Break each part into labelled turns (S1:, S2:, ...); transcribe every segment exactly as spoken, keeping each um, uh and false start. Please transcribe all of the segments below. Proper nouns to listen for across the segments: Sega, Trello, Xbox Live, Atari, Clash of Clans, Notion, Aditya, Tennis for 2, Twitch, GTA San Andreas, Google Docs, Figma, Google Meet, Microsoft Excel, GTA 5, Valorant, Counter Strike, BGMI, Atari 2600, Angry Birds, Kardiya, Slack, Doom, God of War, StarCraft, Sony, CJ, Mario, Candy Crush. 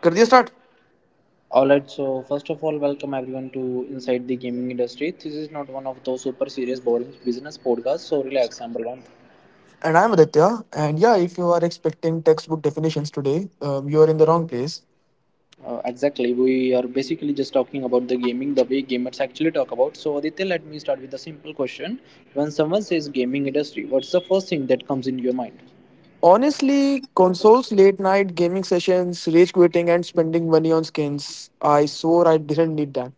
S1: Kardiya, start.
S2: Alright, so first of all, welcome everyone to Inside the Gaming Industry. This is not one of those super serious, boring business podcasts, so relax, number one.
S1: And I'm Aditya. And yeah, if you are expecting textbook definitions today, um, you are in the wrong place.
S2: Uh, exactly, we are basically just talking about the gaming the way gamers actually talk about. So, Aditya, let me start with a simple question. When someone says gaming industry, what's the first thing that comes into your mind?
S1: Honestly, consoles, late night gaming sessions, rage quitting, and spending money on skins, I swore I didn't need that.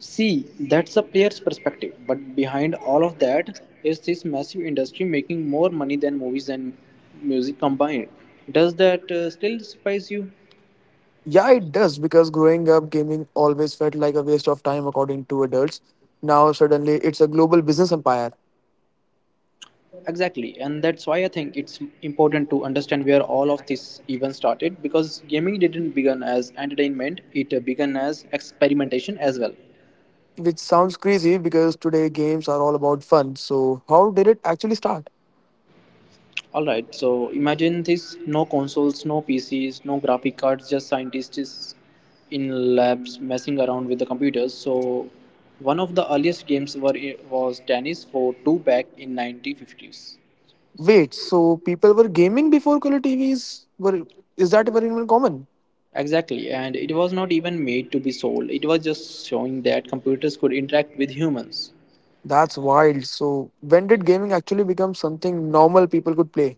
S2: See, that's a player's perspective, but behind all of that is this massive industry making more money than movies and music combined. Does that uh, still surprise you?
S1: Yeah, it does, because growing up, gaming always felt like a waste of time according to adults. Now, suddenly, it's a global business empire,
S2: Exactly, and that's why I think it's important to understand where all of this even started because gaming didn't begin as entertainment, it uh, began as experimentation as well.
S1: which sounds crazy because today games are all about fun. So, how did it actually start?
S2: Alright, so imagine this, no consoles, no P Cs, no graphic cards, just scientists in labs messing around with the computers. So, one of the earliest games were, was Tennis for two back in nineteen fifties.
S1: Wait, so people were gaming before color T Vs were, is that very even common?
S2: Exactly, and it was not even made to be sold. It was just showing that computers could interact with humans.
S1: That's wild. So when did gaming actually become something normal people could play?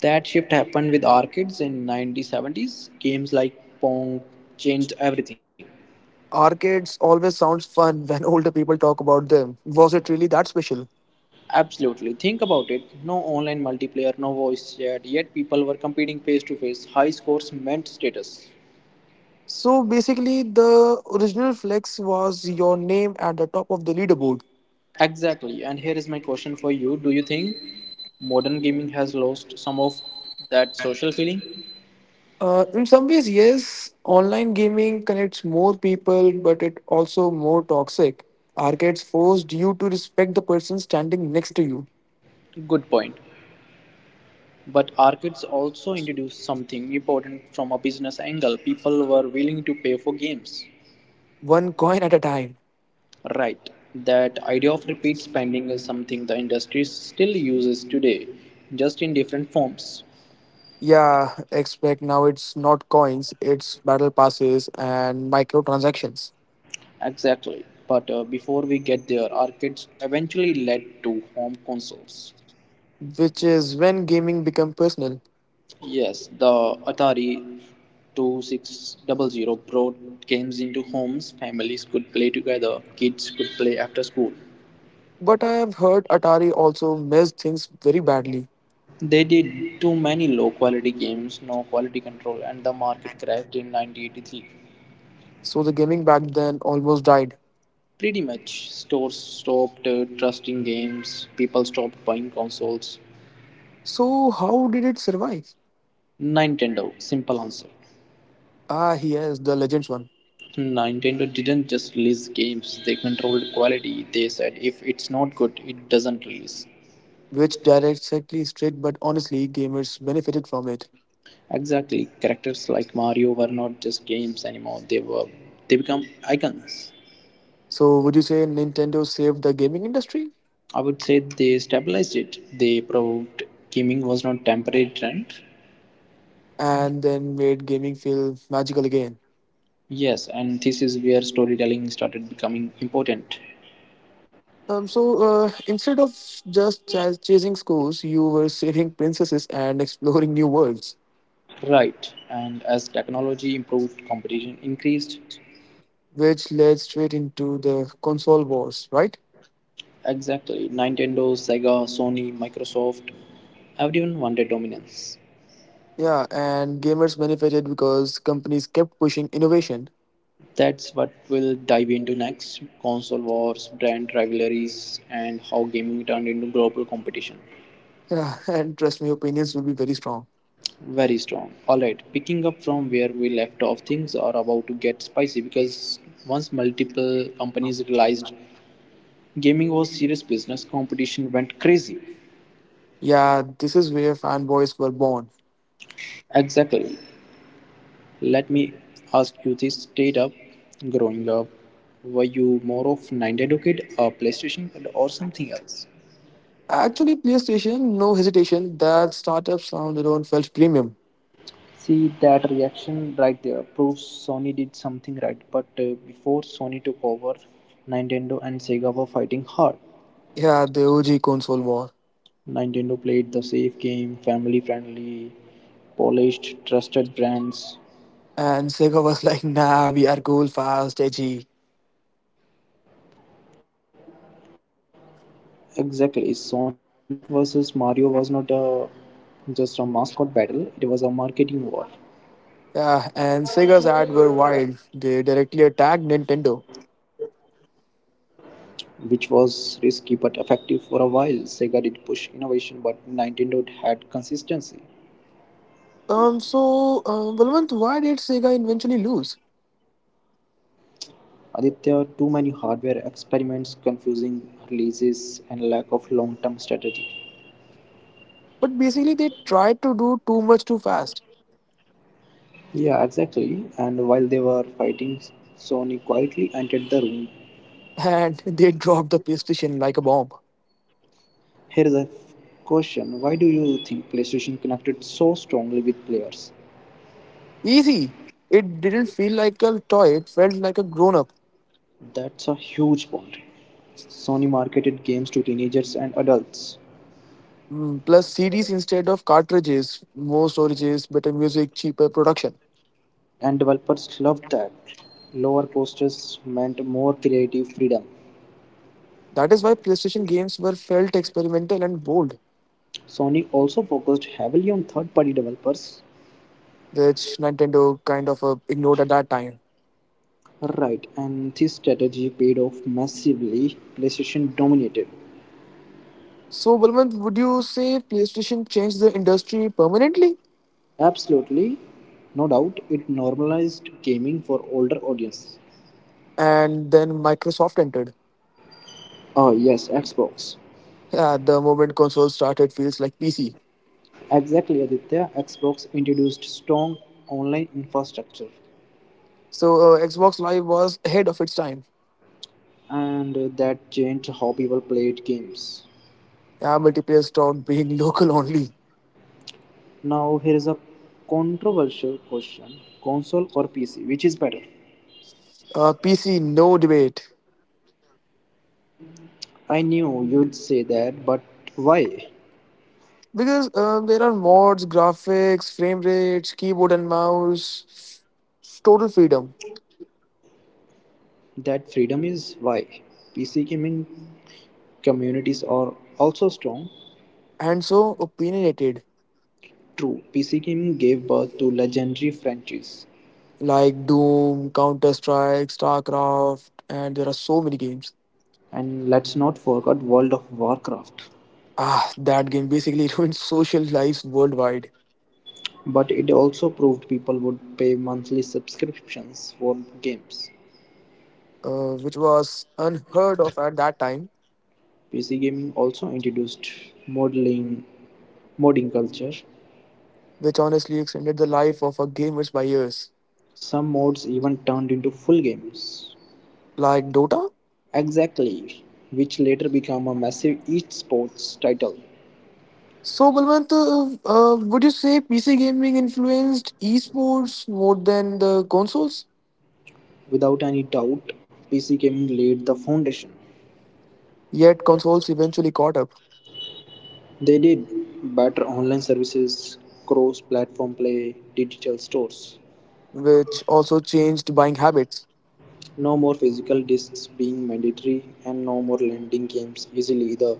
S2: That shift happened with arcades in nineteen seventies. Games like Pong changed everything.
S1: Arcades always sounds fun when older people talk about them. Was it really that special?
S2: Absolutely. Think about it. No online multiplayer, no voice chat, yet people were competing face to face. High scores meant status.
S1: So basically the original flex was your name at the top of the leaderboard.
S2: Exactly. And here is my question for you. Do you think modern gaming has lost some of that social feeling?
S1: Uh, in some ways, yes, online gaming connects more people, but it also more toxic. Arcades forced you to respect the person standing next to you.
S2: Good point. But arcades also introduced something important from a business angle. People were willing to pay for games.
S1: One coin at a time.
S2: Right. That idea of repeat spending is something the industry still uses today, just in different forms.
S1: Yeah, expect now it's not coins, it's battle passes and microtransactions,
S2: Exactly. But uh, before we get there, arcades eventually led to home consoles.
S1: which is when gaming become personal.
S2: Yes, the Atari twenty-six hundred brought games into homes. Families could play together, kids could play after school.
S1: But I have heard Atari also messed things very badly,
S2: They did too many low quality games, no quality control, and the market crashed in nineteen eighty-three.
S1: so the gaming back then almost died.
S2: Pretty much. Stores stopped uh, trusting games, people stopped buying consoles.
S1: So how did it survive?
S2: Nintendo, simple answer.
S1: Ah, yes, the Legends one,
S2: Nintendo didn't just release games, they controlled quality. They said if it's not good, it doesn't release.
S1: which directly straight, but honestly, gamers benefited from it.
S2: Exactly. Characters like Mario were not just games anymore, they were they become icons.
S1: So would you say Nintendo saved the gaming industry
S2: I would say they stabilized it. They proved gaming was not a temporary trend.
S1: and then made gaming feel magical again?
S2: Yes, and this is where storytelling started becoming important.
S1: Um, so uh, instead of just chas chasing scores, you were saving princesses and exploring new worlds,
S2: Right, and as technology improved, competition increased.
S1: which led straight into the console wars, right?
S2: Exactly. Nintendo, Sega, Sony, Microsoft, everyone wanted dominance.
S1: Yeah, and gamers benefited because companies kept pushing innovation.
S2: That's what we'll dive into next, console wars, brand rivalries, and how gaming turned into global competition.
S1: Yeah, and trust me, opinions will be very strong.
S2: Very strong. Alright, picking up from where we left off, things are about to get spicy because once multiple companies realized gaming was serious business, competition went crazy.
S1: Yeah, this is where fanboys were born.
S2: Exactly. Let me ask you this straight up. Growing up, were you more of Nintendo kid, a PlayStation kid, or something else?
S1: Actually, PlayStation, no hesitation, that startup sound alone felt premium.
S2: See, that reaction right there proves Sony did something right. But uh, before Sony took over, Nintendo and Sega were fighting hard.
S1: Yeah, the O G console war.
S2: Nintendo played the safe game, family friendly, polished, trusted brands.
S1: And Sega was like, nah, we are cool, fast, edgy.
S2: Exactly, Sonic versus Mario was not a just a mascot battle; it was a marketing war.
S1: Yeah, and Sega's ads were wild. They directly attacked Nintendo.
S2: Which was risky but effective for a while. Sega did push innovation, but Nintendo had consistency.
S1: Um, so, uh, Balwant, why did Sega eventually lose?
S2: Aditya, too many hardware experiments, confusing releases, and lack of long term strategy.
S1: But basically, they tried to do too much too fast,
S2: Yeah, exactly. And while they were fighting, Sony quietly entered the room.
S1: and they dropped the PlayStation like a bomb.
S2: Here's a f- question. Why do you think PlayStation connected so strongly with players?
S1: Easy. It didn't feel like a toy. It felt like a grown-up.
S2: That's a huge point. Sony marketed games to teenagers and adults.
S1: Mm, plus, C Ds instead of cartridges, more storages, better music, cheaper production.
S2: And developers loved that. Lower costs meant more creative freedom.
S1: That is why PlayStation games were felt experimental and bold,
S2: Sony also focused heavily on third party developers.
S1: which Nintendo kind of uh, ignored at that time.
S2: Right, and this strategy paid off massively. PlayStation dominated.
S1: So, Balwant, would you say PlayStation changed the industry permanently?
S2: Absolutely, no doubt, it normalized gaming for older audience.
S1: And then Microsoft entered.
S2: Oh, yes, Xbox.
S1: At the moment console started, feels like P C.
S2: Exactly, Aditya. Xbox introduced strong online infrastructure,
S1: So, uh, Xbox Live was ahead of its time.
S2: and that changed how people played games.
S1: Yeah, multiplayer stopped being local only.
S2: Now here is a controversial question: console or P C, which is better?
S1: Uh, P C, no debate.
S2: I knew you'd say that, but why?
S1: Because uh, there are mods, graphics, frame rates, keyboard and mouse, total freedom.
S2: That freedom is why. P C gaming communities are also strong.
S1: And so opinionated,
S2: True, P C gaming gave birth to legendary franchises,
S1: like Doom, Counter Strike, StarCraft, and there are so many games.
S2: and let's not forget World of Warcraft.
S1: Ah, that game basically ruined social lives worldwide,
S2: But it also proved people would pay monthly subscriptions for games.
S1: uh, which was unheard of at that time,
S2: P C gaming also introduced modeling modding culture.
S1: which honestly extended the life of our gamers by years.
S2: Some modes even turned into full games.
S1: Like Dota?
S2: Exactly, which later became a massive esports title.
S1: So, Balwant, uh, uh, would you say P C gaming influenced esports more than the consoles?
S2: Without any doubt, P C gaming laid the foundation.
S1: Yet, consoles eventually caught up,
S2: They did better online services, cross platform play, digital stores.
S1: which also changed buying habits.
S2: No more physical discs being mandatory, and no more lending games easily either.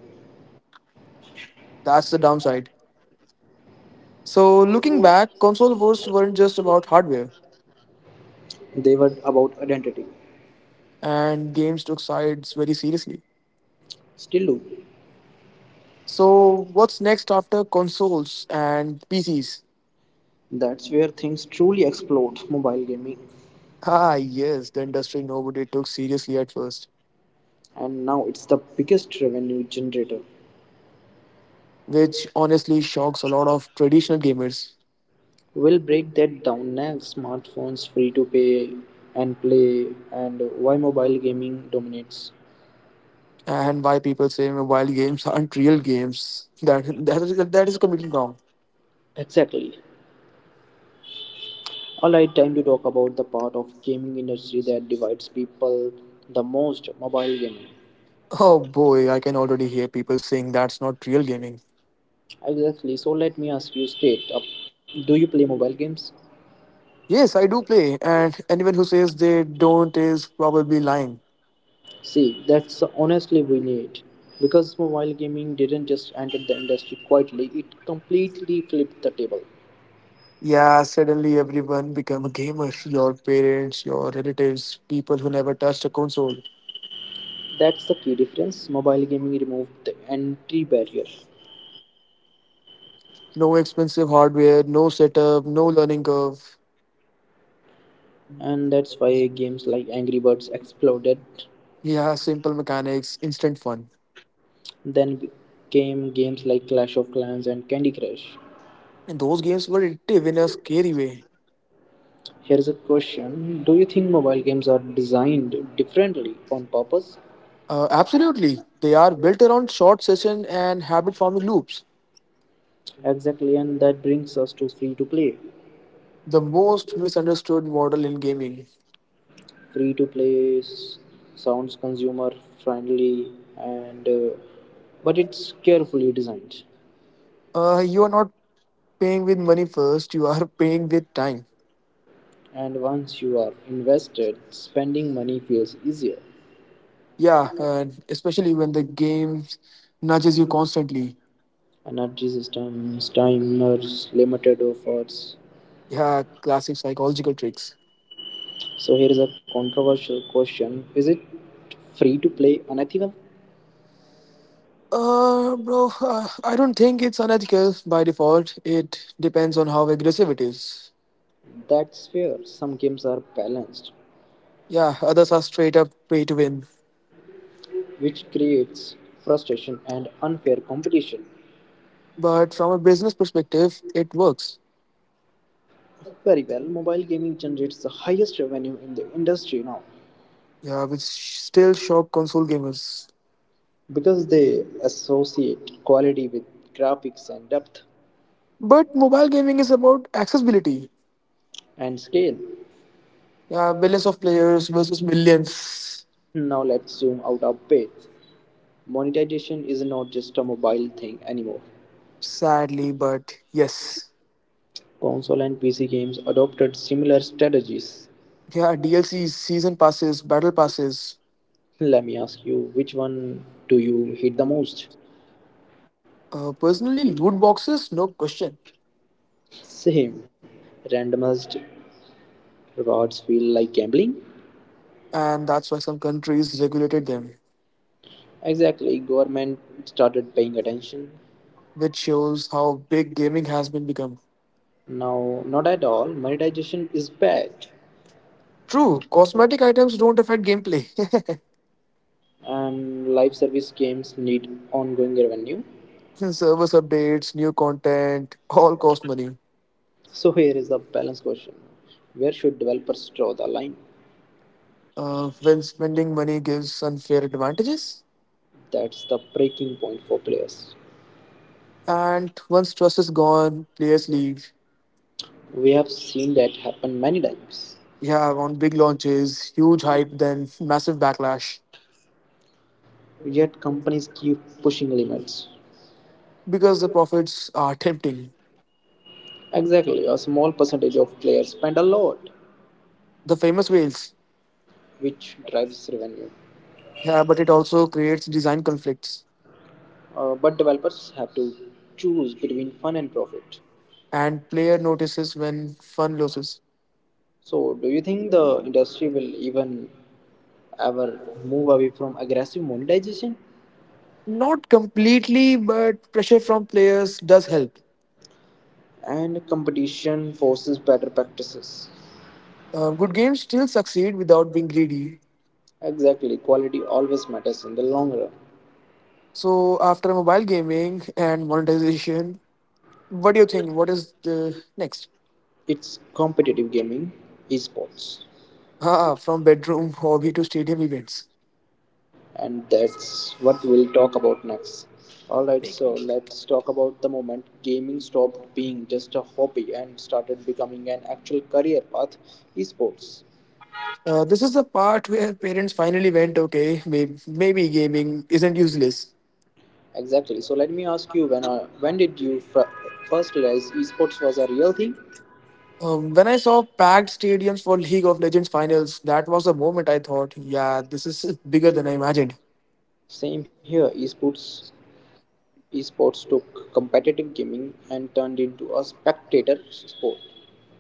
S1: That's the downside. So, looking back, console wars weren't just about hardware,
S2: They were about identity.
S1: and games took sides very seriously.
S2: Still do.
S1: So, what's next after consoles and P Cs?
S2: That's where things truly explode, mobile gaming,
S1: Ah, yes, the industry nobody took seriously at first,
S2: and now it's the biggest revenue generator.
S1: which honestly shocks a lot of traditional gamers.
S2: We'll break that down next. Smartphones, free to pay and play, and why mobile gaming dominates.
S1: And why people say mobile games aren't real games? That that is, that is completely wrong.
S2: Exactly. Alright, time to talk about the part of gaming industry that divides people the most, mobile gaming.
S1: Oh boy, I can already hear people saying that's not real gaming.
S2: Exactly. So let me ask you straight up. Do you play mobile games?
S1: Yes, I do play, and anyone who says they don't is probably lying.
S2: See, that's honestly we need. Because mobile gaming didn't just enter the industry quietly, it completely flipped the table.
S1: Yeah, suddenly everyone become a gamer. Your parents, your relatives, people who never touched a console.
S2: That's the key difference. Mobile gaming removed the entry barrier.
S1: No expensive hardware, no setup, no learning curve.
S2: And that's why games like Angry Birds exploded.
S1: He has simple mechanics, instant fun.
S2: Then came games like Clash of Clans and Candy Crush.
S1: And those games were addictive in a scary way.
S2: Here's a question. Do you think mobile games are designed differently on purpose?
S1: Uh, absolutely. They are built around short session and habit forming loops.
S2: Exactly, and that brings us to free to play.
S1: The most misunderstood model in gaming.
S2: Free to play sounds consumer friendly and uh, but it's carefully designed.
S1: Uh, you are not paying with money first, you are paying with time.
S2: And once you are invested, spending money feels easier.
S1: Yeah, and especially when the game nudges you constantly.
S2: Energy Systems Timers Limited offers.
S1: Yeah, classic psychological tricks.
S2: So here is a controversial question. Is it free to play unethical?
S1: Uh, bro, uh, I don't think it's unethical by default. It depends on how aggressive it is.
S2: That's fair. Some games are balanced,
S1: Yeah, others are straight up pay to win.
S2: which creates frustration and unfair competition.
S1: But from a business perspective, it works.
S2: Very well, mobile gaming generates the highest revenue in the industry now
S1: Yeah, which still shock console gamers.
S2: because they associate quality with graphics and depth
S1: But mobile gaming is about accessibility.
S2: and scale.
S1: Yeah, billions of players versus millions.
S2: Now let's zoom out a bit. Monetization is not just a mobile thing anymore.
S1: Sadly, but yes.
S2: Console and P C games adopted similar strategies.
S1: Yeah, D L Cs, season passes, battle passes.
S2: Let me ask you, which one do you hate the most?
S1: Uh, personally, loot boxes, no question.
S2: Same. Randomized rewards feel like gambling?
S1: And that's why some countries regulated them.
S2: Exactly. Government started paying attention.
S1: Which shows how big gaming has been become.
S2: Now, not at all. Monetization is bad.
S1: True, cosmetic items don't affect gameplay.
S2: And live service games need ongoing revenue.
S1: Service updates, new content, all cost money.
S2: So, here is the balance question. Where should developers draw the line?
S1: Uh, when spending money gives unfair advantages,
S2: That's the breaking point for players.
S1: and once trust is gone, players leave.
S2: We have seen that happen many times.
S1: Yeah, on big launches, huge hype, then massive backlash
S2: Yet companies keep pushing limits.
S1: because the profits are tempting.
S2: Exactly, a small percentage of players spend a lot,
S1: The famous whales.
S2: which drives revenue.
S1: Yeah, but it also creates design conflicts,
S2: Uh, but developers have to choose between fun and profit.
S1: and player notices when fun loses.
S2: So, do you think the industry will even ever move away from aggressive monetization?
S1: Not completely, but pressure from players does help.
S2: And competition forces better practices.
S1: Uh, good games still succeed without being greedy.
S2: Exactly, quality always matters in the long run.
S1: So, after mobile gaming and monetization, what do you think? What is the next?
S2: It's competitive gaming, esports.
S1: Ah, from bedroom hobby to stadium events.
S2: And that's what we'll talk about next. Alright, so let's talk about the moment gaming stopped being just a hobby and started becoming an actual career path, esports.
S1: Uh, this is the part where parents finally went, okay, maybe, maybe gaming isn't useless.
S2: Exactly. So let me ask you, when uh, when did you fr- first realize esports was a real thing?
S1: Um, when I saw packed stadiums for League of Legends finals, that was the moment I thought, yeah, this is bigger than I imagined.
S2: Same here. Esports esports took competitive gaming and turned into a spectator sport.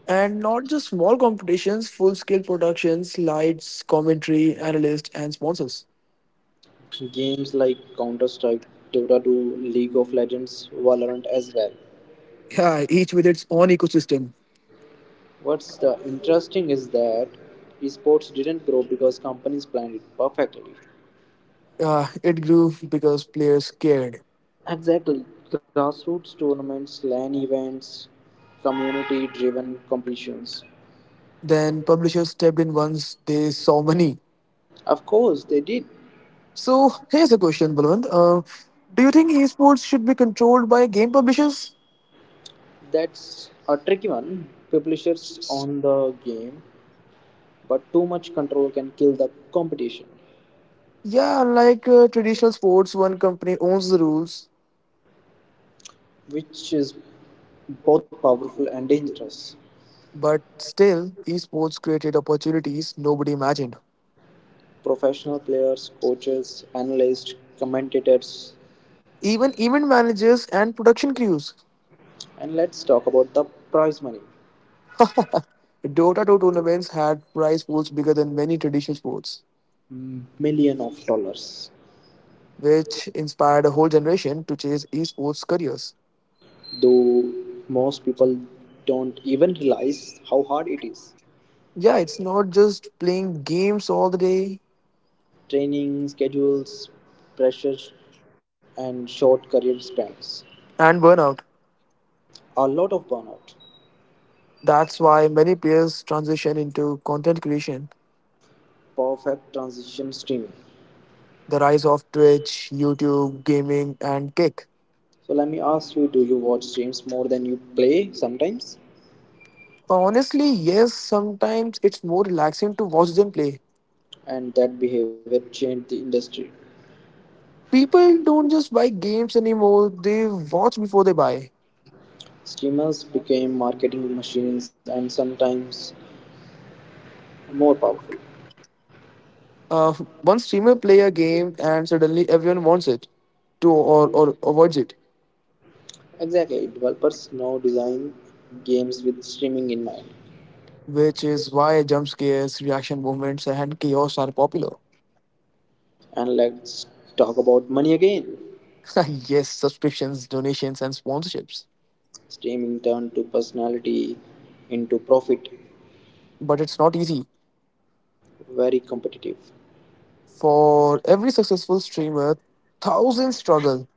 S1: And not just small competitions, full scale productions, lights, commentary, analysts, and sponsors.
S2: Games like Counter Strike, Dota two, League of Legends, Valorant as well.
S1: Yeah, each with its own ecosystem.
S2: What's the interesting is that esports didn't grow because companies planned it perfectly.
S1: Uh, it grew because players cared.
S2: Exactly. Grassroots tournaments, LAN events, community driven competitions.
S1: Then publishers stepped in once they saw money.
S2: Of course, they did.
S1: So here's a question, Balwant. Uh, do you think esports should be controlled by game publishers?
S2: That's a tricky one. Publishers own the game, but too much control can kill the competition,
S1: Yeah, like uh, traditional sports, one company owns the rules,
S2: which is both powerful and dangerous.
S1: but still, esports created opportunities nobody imagined.
S2: Professional players, coaches, analysts, commentators.
S1: Even event managers and production crews.
S2: And let's talk about the prize money.
S1: Dota two tournaments had prize pools bigger than many traditional sports,
S2: Million of dollars.
S1: which inspired a whole generation to chase esports careers.
S2: Though most people don't even realize how hard it is.
S1: Yeah, it's not just playing games all the day
S2: Training, schedules, pressure, and short career spans.
S1: and burnout.
S2: A lot of burnout.
S1: That's why many players transition into content creation,
S2: Perfect transition, streaming.
S1: the rise of Twitch, YouTube, gaming, and Kick.
S2: So let me ask you, do you watch streams more than you play sometimes?
S1: Honestly, yes, sometimes it's more relaxing to watch than play.
S2: And that behavior changed the industry.
S1: People don't just buy games anymore, they watch before they buy.
S2: Streamers became marketing machines and sometimes more powerful.
S1: Uh, one streamer play a game and suddenly everyone wants it to, or, or avoids it,
S2: Exactly, developers now design games with streaming in mind.
S1: which is why jump scares, reaction movements, and chaos are popular.
S2: And let's talk about money again.
S1: Yes, subscriptions, donations, and sponsorships.
S2: Streaming turned to personality into profit,
S1: But it's not easy.
S2: very competitive.
S1: For every successful streamer, thousands struggle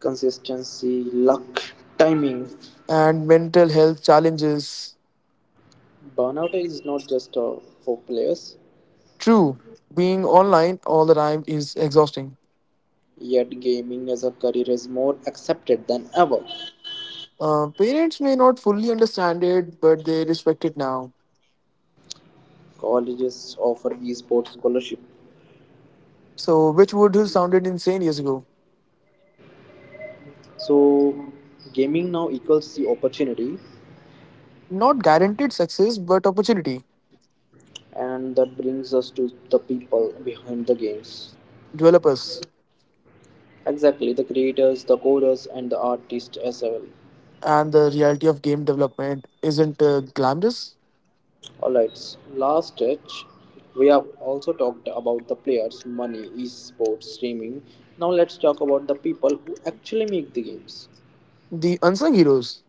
S2: Consistency, luck, timing.
S1: and mental health challenges.
S2: Burnout is not just uh, for players,
S1: True, being online all the time is exhausting.
S2: yet gaming as a career is more accepted than ever.
S1: Uh, parents may not fully understand it, but they respect it now.
S2: Colleges offer esports scholarship.
S1: So, which would have sounded insane years ago?
S2: So gaming now equals the opportunity.
S1: Not guaranteed success, but opportunity.
S2: And that brings us to the people behind the games,
S1: Developers
S2: exactly the creators, the coders, and the artists as well.
S1: and the reality of game development isn't uh, glamorous.
S2: Alright, last stretch, we have also talked about the players money, esports, streaming. Now let's talk about the people who actually make the games,
S1: The unsung heroes.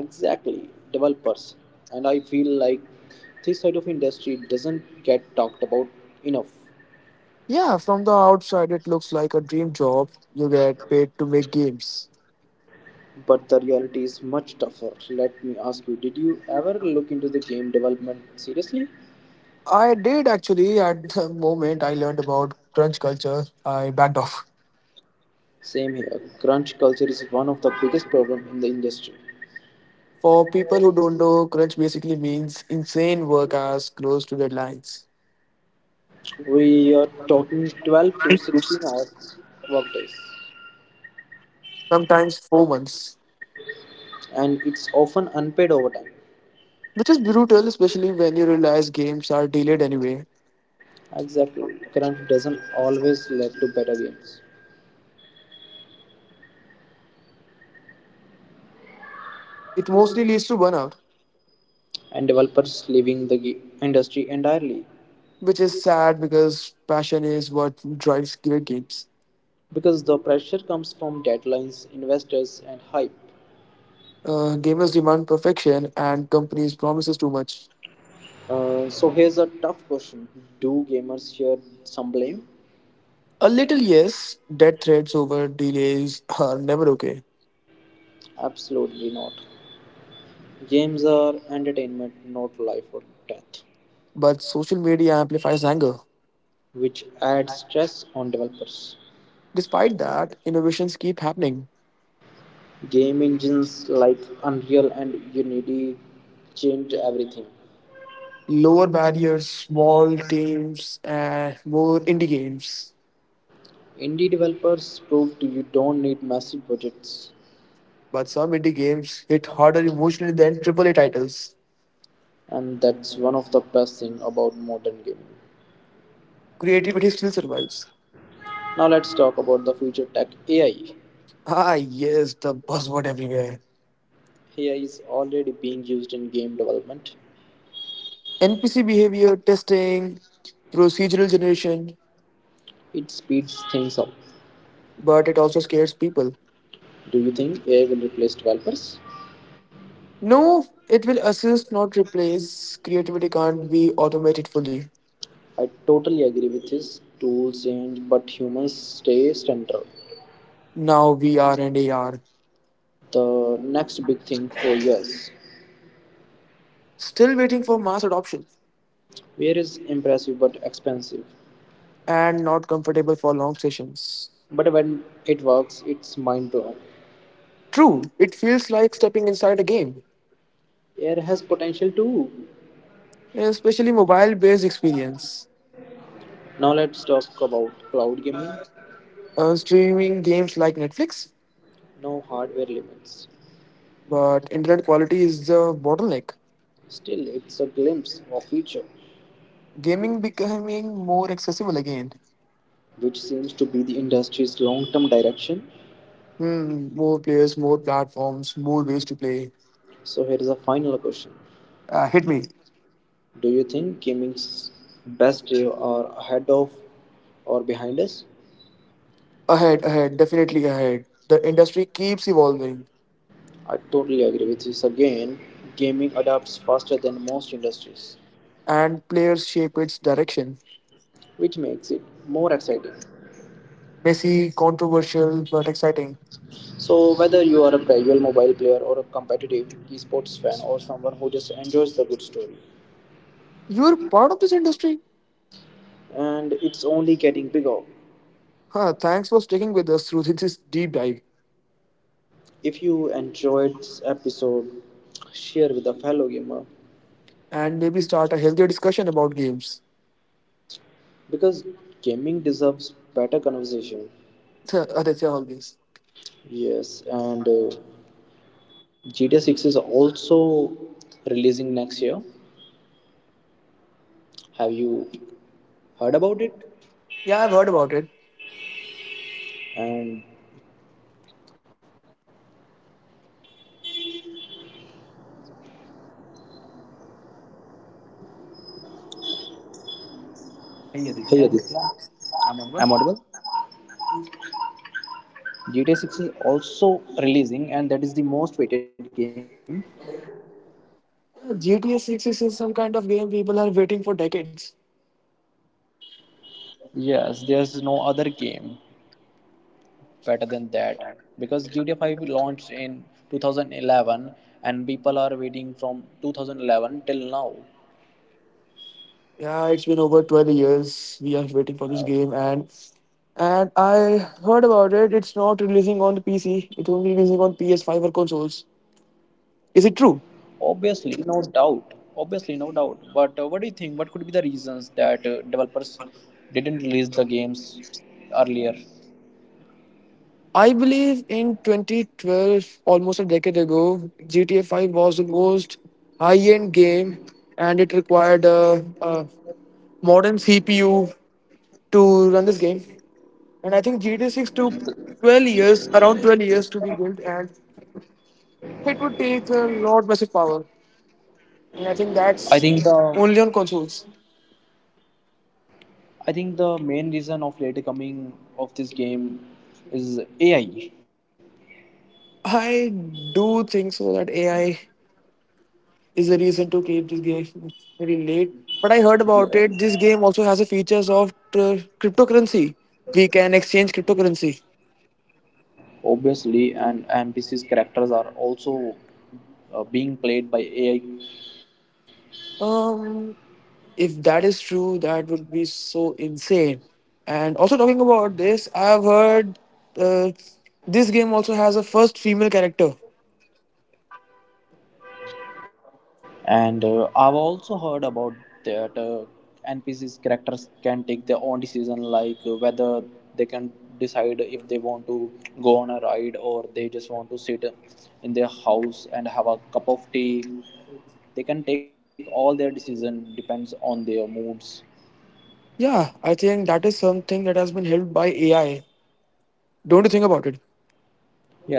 S2: exactly developers. And I feel like this side of industry doesn't get talked about enough.
S1: Yeah, from the outside, it looks like a dream job. You get paid to make games.
S2: But the reality is much tougher. Let me ask you, did you ever look into the game development seriously?
S1: I did actually, at the moment I learned about crunch culture, I backed off.
S2: Same here. Crunch culture is one of the biggest problem in the industry.
S1: For people who don't know, crunch basically means insane work hours close to deadlines.
S2: We are talking twelve to sixteen hours workdays,
S1: Sometimes four months.
S2: and it's often unpaid overtime.
S1: Which is brutal, especially when you realize games are delayed anyway.
S2: Exactly. Crunch doesn't always lead to better games,
S1: It mostly leads to burnout,
S2: and developers leaving the ge- industry entirely
S1: which is sad because passion is what drives great games.
S2: because the pressure comes from deadlines, investors, and hype.
S1: Uh, gamers demand perfection, and companies promises too much.
S2: Uh, so here's a tough question. Do gamers share some blame?
S1: A little yes, death threats over delays are never okay,
S2: Absolutely not. Games are entertainment, not life or death,
S1: but social media amplifies anger.
S2: which adds stress on developers.
S1: Despite that, innovations keep happening.
S2: Game engines like Unreal and Unity changed everything.
S1: Lower barriers, small teams, and more indie games.
S2: Indie developers proved you don't need massive budgets,
S1: But some indie games hit harder emotionally than triple A titles.
S2: and that's one of the best things about modern gaming.
S1: Creativity still survives.
S2: Now let's talk about the future tech, A I.
S1: Ah, yes, the buzzword everywhere.
S2: A I is already being used in game development.
S1: N P C behavior testing, procedural generation,
S2: It speeds things up.
S1: but it also scares people.
S2: Do you think A I will replace developers?
S1: No, it will assist, not replace. Creativity can't be automated fully.
S2: I totally agree with his tools change, but humans stay central.
S1: Now V R and A R.
S2: The next big thing for years.
S1: Still waiting for mass adoption
S2: Wear is impressive but expensive.
S1: and not comfortable for long sessions.
S2: But when it works, it's mind blowing.
S1: True, it feels like stepping inside a game,
S2: A I has potential too.
S1: especially mobile based experience.
S2: Now let's talk about cloud gaming.
S1: Uh, streaming games like Netflix,
S2: No hardware limits.
S1: but internet quality is the bottleneck.
S2: Still, it's a glimpse of future,
S1: Gaming becoming more accessible again.
S2: which seems to be the industry's long-term direction.
S1: Hmm, more players, more platforms, more ways to play.
S2: So here is a final question.
S1: Uh, hit me.
S2: Do you think gaming's best days are ahead of or behind us?
S1: Ahead, ahead, definitely ahead. The industry keeps evolving
S2: I totally agree with this. Again, gaming adapts faster than most industries,
S1: and players shape its direction.
S2: which makes it more exciting.
S1: Messy, controversial, but exciting.
S2: So, whether you are a casual mobile player or a competitive esports fan or someone who just enjoys the good story,
S1: You're part of this industry?
S2: and it's only getting bigger.
S1: Huh, thanks for sticking with us through this deep dive
S2: If you enjoyed this episode, share with a fellow gamer
S1: and maybe start a healthier discussion about games.
S2: because gaming deserves better conversation.
S1: Huh. Aditya always.
S2: Yes, and uh, G T A six is also releasing next year. Have you heard about it?
S1: Yeah, I've heard about it.
S2: And hey Aditya, I'm audible. G T A six is also releasing and that is the most weighted game.
S1: G T A six is some kind of game people are waiting for decades.
S2: Yes, there's no other game better than that because G T A five launched in twenty eleven and people are waiting from two thousand eleven till now.
S1: Yeah, it's been over twelve years. We are waiting for this game, and and I heard about it. It's not releasing on the P C. It's only releasing on P S five or consoles. Is it true?
S2: Obviously, no doubt. Obviously, no doubt. But uh, what do you think? What could be the reasons that uh, developers didn't release the games earlier?
S1: I believe in twenty twelve, almost a decade ago, G T A five was the most high-end game, and it required a, a modern C P U to run this game. And I think G T A six took twelve years, around twelve years, to be built, and it would take a lot massive power. And I think
S2: I
S1: that's
S2: think the
S1: only on consoles.
S2: I think the main reason of later coming of this game is A I.
S1: I do think so that A I is the reason to keep this game very late. But I heard about
S2: Yeah.
S1: it. This game also has the features of uh, cryptocurrency. We can exchange cryptocurrency.
S2: Obviously, and N P Cs characters are also uh, being played by A I.
S1: Um, if that is true, that would be so insane. And also talking about this, I've heard uh, this game also has a first female character.
S2: And uh, I've also heard about that uh, NPCs characters can take their own decision, like uh, whether they can decide if they want to go on a ride or they just want to sit in their house and have a cup of tea. They can take all their decision depends on their moods.
S1: Yeah, I think that is something that has been helped by A I. Don't you think about it?
S2: Yeah,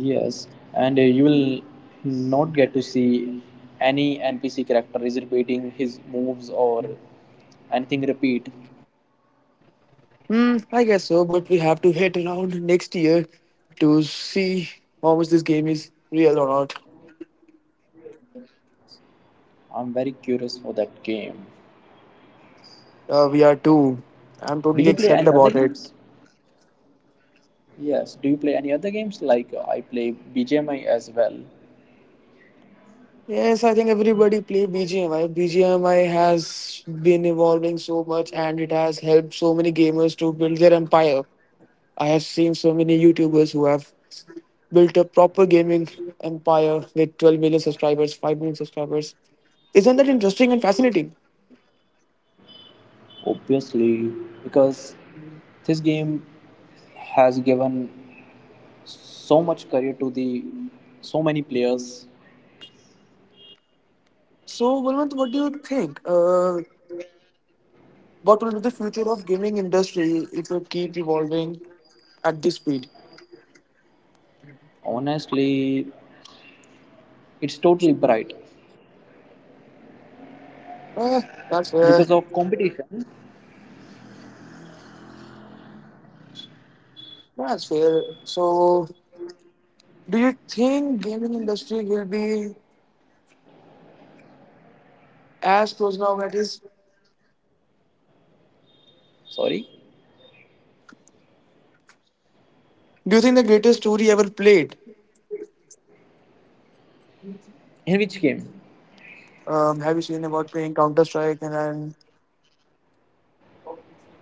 S2: yes, and uh, you will not get to see any NPC character is repeating his moves or anything repeat.
S1: Hmm, I guess so, but we have to wait around next year to see how much this game is real or not.
S2: I'm very curious for that game.
S1: Uh, we are too.
S2: Do you
S1: I'm
S2: play
S1: totally
S2: any other
S1: excited about
S2: games?
S1: it.
S2: Yes. Do you play any other games? Like uh, I play B G M I as well,
S1: Yes, I think everybody play B G M I. B G M I has been evolving so much and it has helped so many gamers to build their empire. I have seen so many YouTubers who have built a proper gaming empire with twelve million subscribers, five million subscribers. Isn't that interesting and fascinating?
S2: obviously, because this game has given so much career to the so many players.
S1: So, Valvant, what do you think? Uh, What will be the future of gaming industry if it keep evolving at this speed?
S2: Honestly, it's totally bright
S1: Uh, that's fair.
S2: because of competition.
S1: That's fair. So, do you think gaming industry will be as close now that is?
S2: Sorry,
S1: Do you think the greatest story ever played?
S2: in which game?
S1: Um, have you seen about playing Counter Strike and then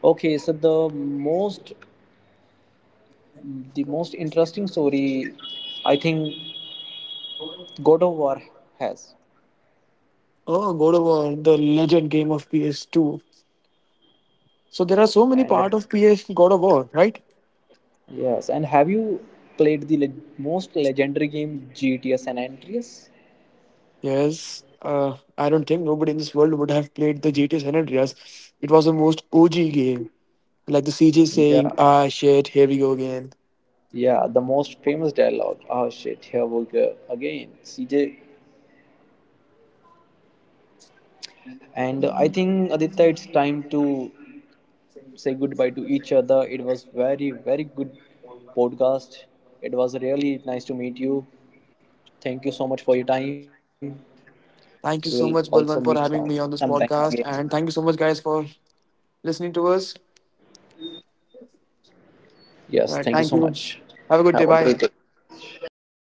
S2: Okay, so the most the most interesting story, I think God of War has.
S1: oh God of War, the legend game of P S two? So there are so many
S2: And uh,
S1: part of P S God of War, right?
S2: yes, and have you played the le- most legendary game G T A San Andreas?
S1: Yes, uh, I don't think nobody in this world would have played the G T A San Andreas. It was the most O G game. Like the C J saying,
S2: Yeah,
S1: ah, shit, here we go again.
S2: yeah, the most famous dialogue. Oh shit, here we go again, C J. And I think Aditya, it's time to say goodbye to each other. It was very, very good podcast. It was really nice to meet you. Thank you so much for your time. We will
S1: Thank you
S2: also
S1: so much,
S2: meet
S1: Balwant,
S2: some
S1: for having me
S2: sometime
S1: on this
S2: again.
S1: podcast. And thank you so much, guys, for listening to us.
S2: Yes, thank you so much.
S1: All right, thank
S2: Have a
S1: you.
S2: great day.
S1: Have a good day. Bye.
S2: How.